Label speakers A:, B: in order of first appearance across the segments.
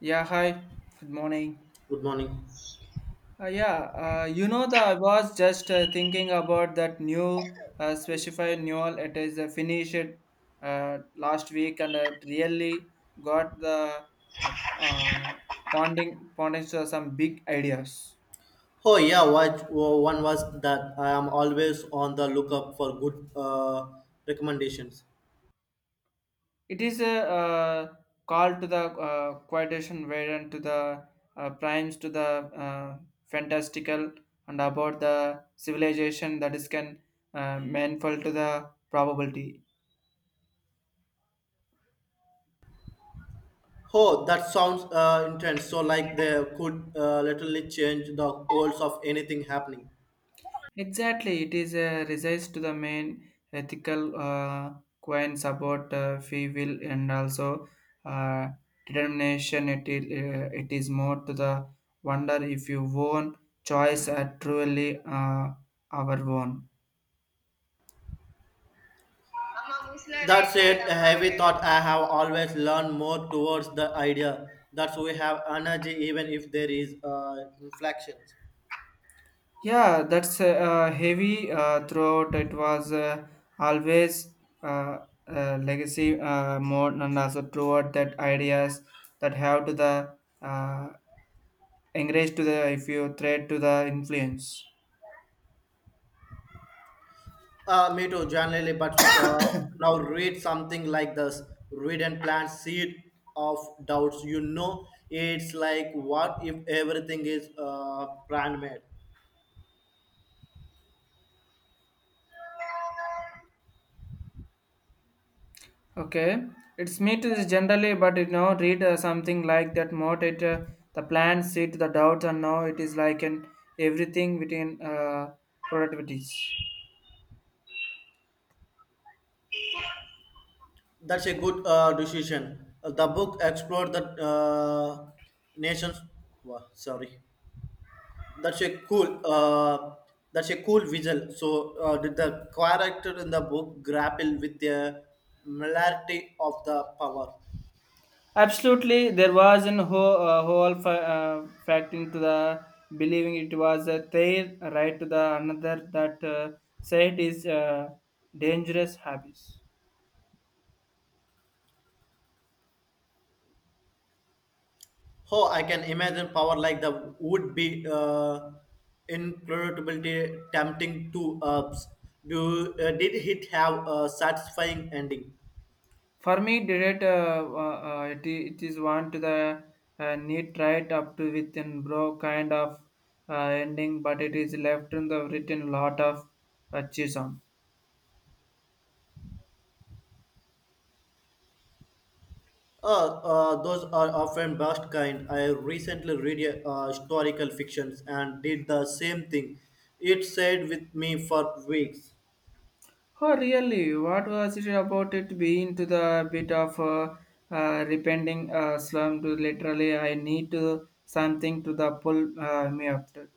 A: Yeah, hi. Good morning.
B: Good morning.
A: Yeah, you know the I was just thinking about that new specified renewal. It is finished last week, and it really got the uh, uh, ponding to some big ideas.
B: Oh yeah, what oh, one was that I am always on the lookup for good recommendations.
A: It is a uh, call to the quotation variant to the primes to the uh, fantastical and about the civilization that is can manful to the probability.
B: Oh, that sounds intense. So like they could literally change the course of anything happening.
A: Exactly, it is a resides to the main ethical coins about free will and also uh, determination. It is more to the wonder if you own choice are truly our own.
B: That's it. A heavy thought I have always learned more towards the idea that we have energy even if there is inflections.
A: Yeah, that's heavy throughout. It was always uh, legacy more and also throughout that ideas that have to the uh, encourage to the if you thread to the influence.
B: Me too, generally, but now read something like this. Read and plant seed of doubts. You know, it's like what if everything is brand made?
A: Okay, it's me to this generally, but read something like that motivate the plans, see to the doubts, and now it is like an everything within productivities.
B: That's a good decision. The book explored the nations. Wow, sorry, that's a cool. That's a cool visual. So, did the character in the book grapple with the molarity of the power?
A: Absolutely, there was an whole, fact into the believing it was a their right to the another that said is dangerous habits.
B: Oh, I can imagine power like that would be incredibly tempting to do. Did it have a satisfying ending?
A: For me, did it, it, I- it is one to the neat right up to within bro kind of uh, ending, but it is left in the written lot of chisholm.
B: Those are often best kind. I recently read a, historical fictions and did the same thing. It stayed with me for weeks.
A: Oh, really? What was it about it being to the bit of a repenting slum to literally I need to something to the pull me up to it.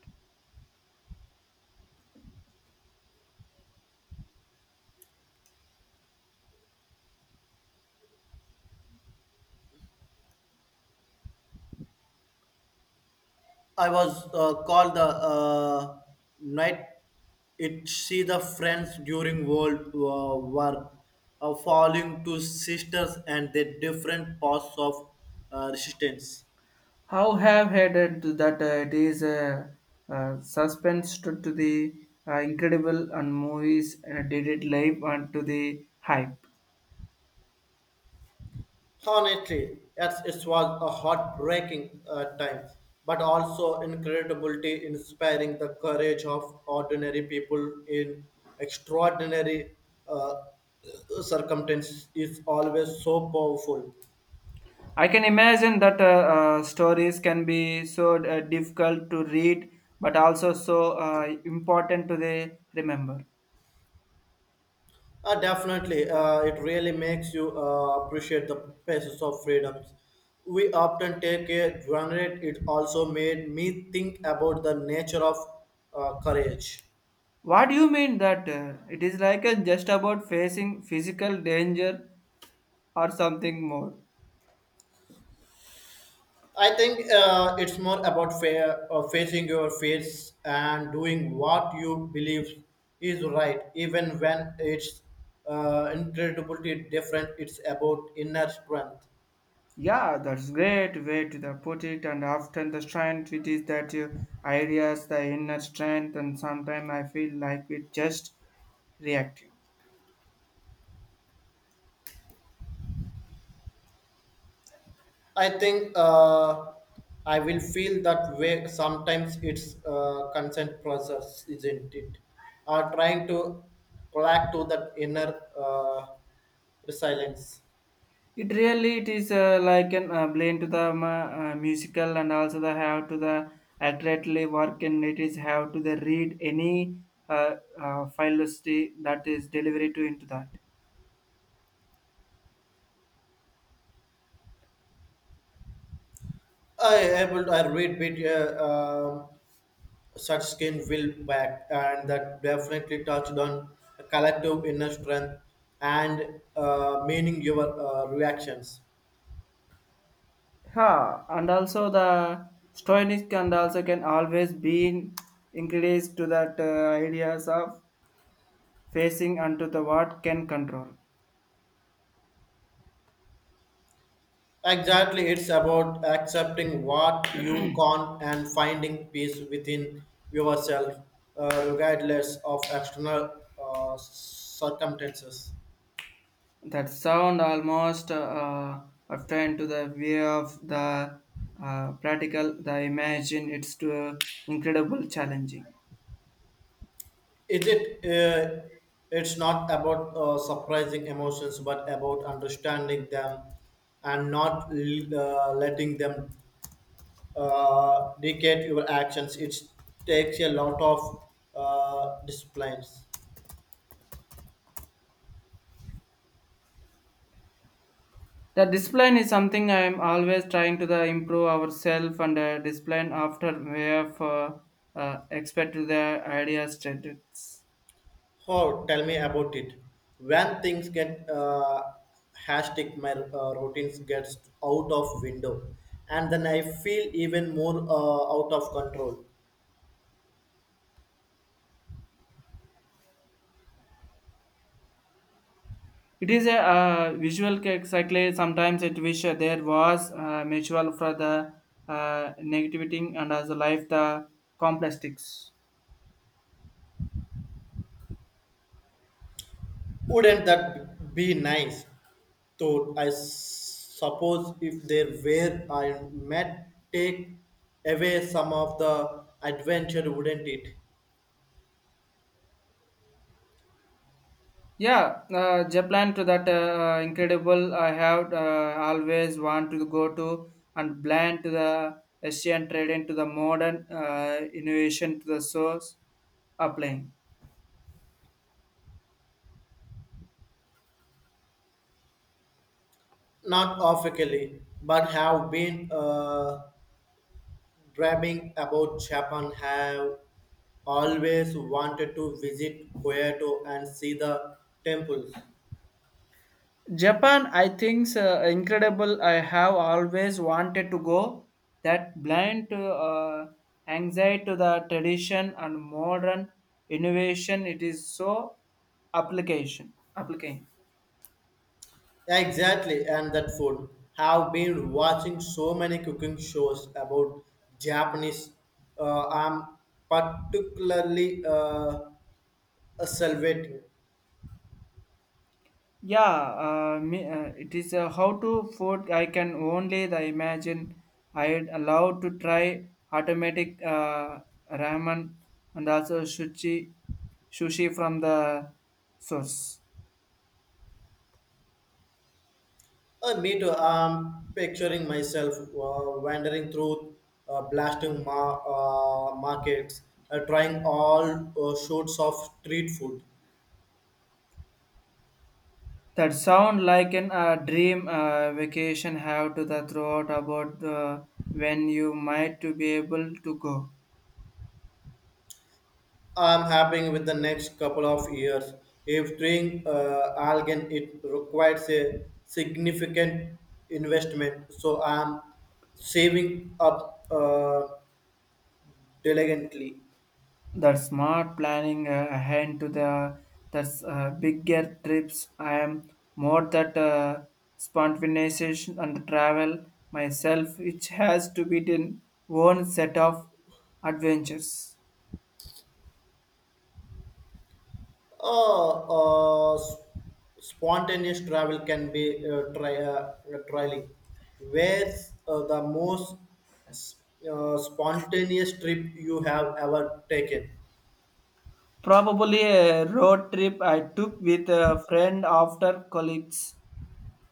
B: I was called the night it see the friends during World War falling to sisters and the different paths of resistance.
A: How have headed to that it is a suspense to the incredible and movies did it live and to the hype.
B: Honestly, yes, it was a heartbreaking time, but also incredibly inspiring the courage of ordinary people in extraordinary uh, circumstances is always so powerful.
A: I can imagine that stories can be so difficult to read but also so important to the remember.
B: Definitely, it really makes you appreciate the pieces of freedoms. We often take a granted. It also made me think about the nature of courage.
A: What do you mean that it is like a just about facing physical danger or something more?
B: I think it's more about facing your fears and doing what you believe is right, even when it's incredibly different. It's about inner strength.
A: Yeah, that's great way to the put it. And often the strength it is that you ideas, the inner strength, and sometimes I feel like it just reacting.
B: I think I will feel that way. Sometimes it's consent process, isn't it? Trying to collect to that inner resilience.
A: It really it is like an blend to the musical and also the how to the accurately work and it is how to the read any philosophy that is delivery to into that.
B: I able I read bit such skin will back and that definitely touched on a collective inner strength and meaning your reactions.
A: Yeah, and also the stoic and also can always be increased to that ideas of facing unto the what can control.
B: Exactly, it's about accepting what you can't and finding peace within yourself, regardless of external circumstances.
A: That sound almost obtained to the way of the practical, the imagine it's to incredible challenging.
B: Is it? It's not about surprising emotions, but about understanding them and not letting them dictate your actions. It takes a lot of disciplines.
A: The discipline is something I am always trying to the improve ourselves and discipline after we have expect to the ideas strategies.
B: Oh, tell me about it. When things get hectic, my routines gets out of window, and then I feel even more out of control.
A: It is a visual cycle. Sometimes it wish there was mutual for the negativity and as a life the complexities.
B: Wouldn't that be nice? So I suppose if there were, I might take away some of the adventure, wouldn't it?
A: Yeah, Japan to that incredible. I have always want to go to and blend to the Asian trade into the modern innovation to the source applying.
B: Not officially, but have been. Dreaming about Japan have always wanted to visit Kyoto and see the temples.
A: Japan, I think, incredible. I have always wanted to go. That blind to, anxiety to the tradition and modern innovation. It is so application. Application.
B: Exactly, and that food. Have been watching so many cooking shows about Japanese. I'm particularly a salvating.
A: Yeah, it is how to food. I can only the imagine. I'd allowed to try automatic ramen and also sushi, sushi from the source.
B: Me too. I'm picturing myself wandering through blasting markets, trying all sorts of street food.
A: That sound like an dream vacation have to the throughout about when you might to be able to go.
B: I'm hoping with the next couple of years. If doing algae, it requires a significant investment, so I'm saving up diligently.
A: That smart planning ahead to the that's bigger trips. I am more that spontaneous and travel myself, which has to be in one set of adventures.
B: Uh, uh, s- spontaneous travel can be trialing. Where's the most s- spontaneous trip you have ever taken?
A: Probably a road trip I took with a friend after colleagues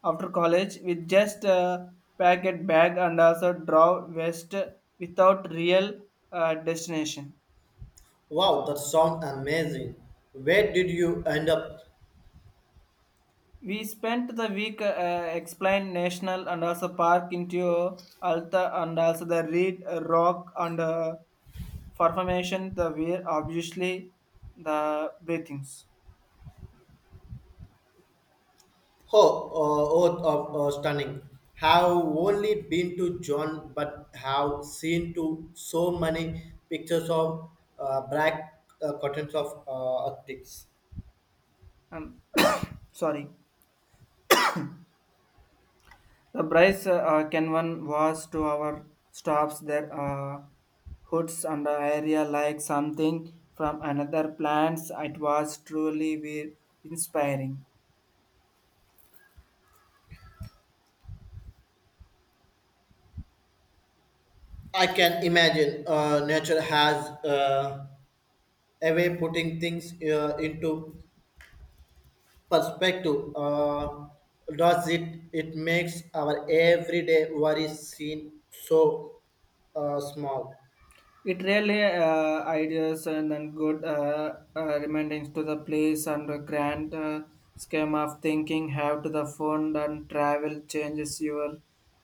A: after college with just a packet bag and also draw west without real destination.
B: Wow, that sounds amazing. Where did you end up?
A: We spent the week exploring national and also park into Alta and also the Reed Rock and formation the we obviously the breathings.
B: Oh, oh, oath of stunning. Have only been to John, but have seen to so many pictures of black curtains of Arctics.
A: I'm sorry. The Bryce Canyon was to our stops their hoods and the area like something from another plants. It was truly be inspiring.
B: I can imagine nature has a way putting things into perspective. Does it? It makes our everyday worries seem so small.
A: It really ideas and then good remindings to the place and the grand scheme of thinking have to the fund and travel changes your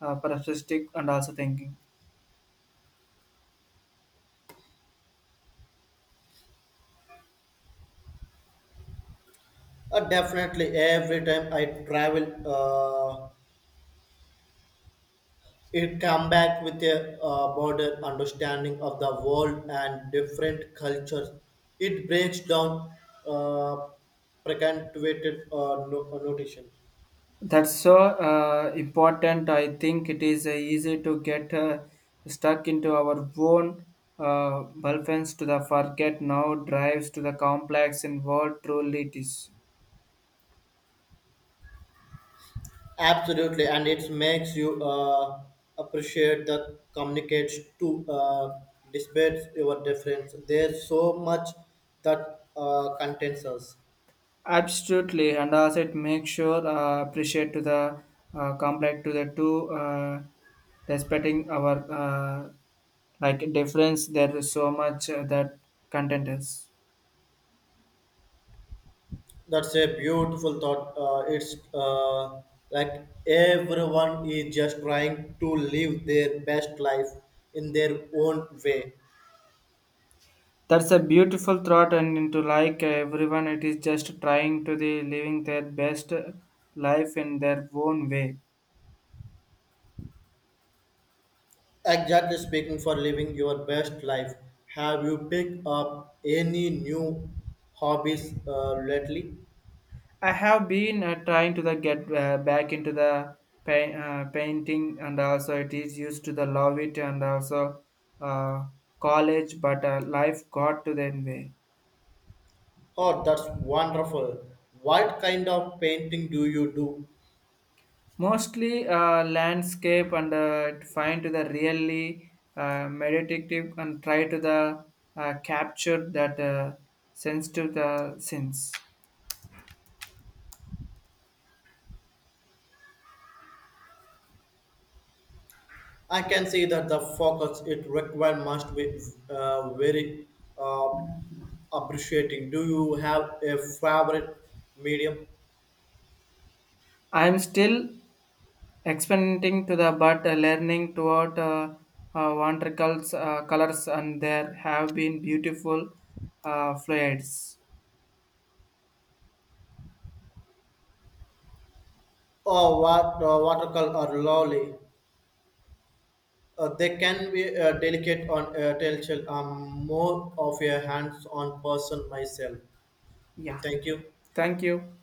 A: perspective and also thinking.
B: Definitely, every time I travel. It come back with a broader understanding of the world and different cultures. It breaks down uh, preconceived notation.
A: That's so important. I think it is easy to get stuck into our own bulbs to the forget now drives to the complex in what truly it is.
B: Absolutely, and it makes you appreciate the communicates to despite your difference. There's so much that contains us.
A: Absolutely, and also it makes sure appreciate to the complex to the two respecting our like difference. There is so much that content is.
B: That's a beautiful thought. It's like everyone is just trying to live their best life in their own way.
A: That's a beautiful thought, and into like everyone, it is just trying to the living their best life in their own way.
B: Exactly speaking, for living your best life, have you picked up any new hobbies lately?
A: I have been trying to the get back into the painting, and also it is used to the love it, and also uh, college, but life got to the way.
B: Oh, that's wonderful. What kind of painting do you do?
A: Mostly landscape and find to the really meditative and try to the capture that sense to the sense.
B: I can see that the focus it require must be very uh, appreciating. Do you have a favorite medium?
A: I am still experimenting to the but learning toward wonderful colors and there have been beautiful fluids.
B: Or what watercolor or lolly? They can be delicate on telltale. I'm more of a hands-on person myself.
A: Yeah.
B: Thank you.
A: Thank you.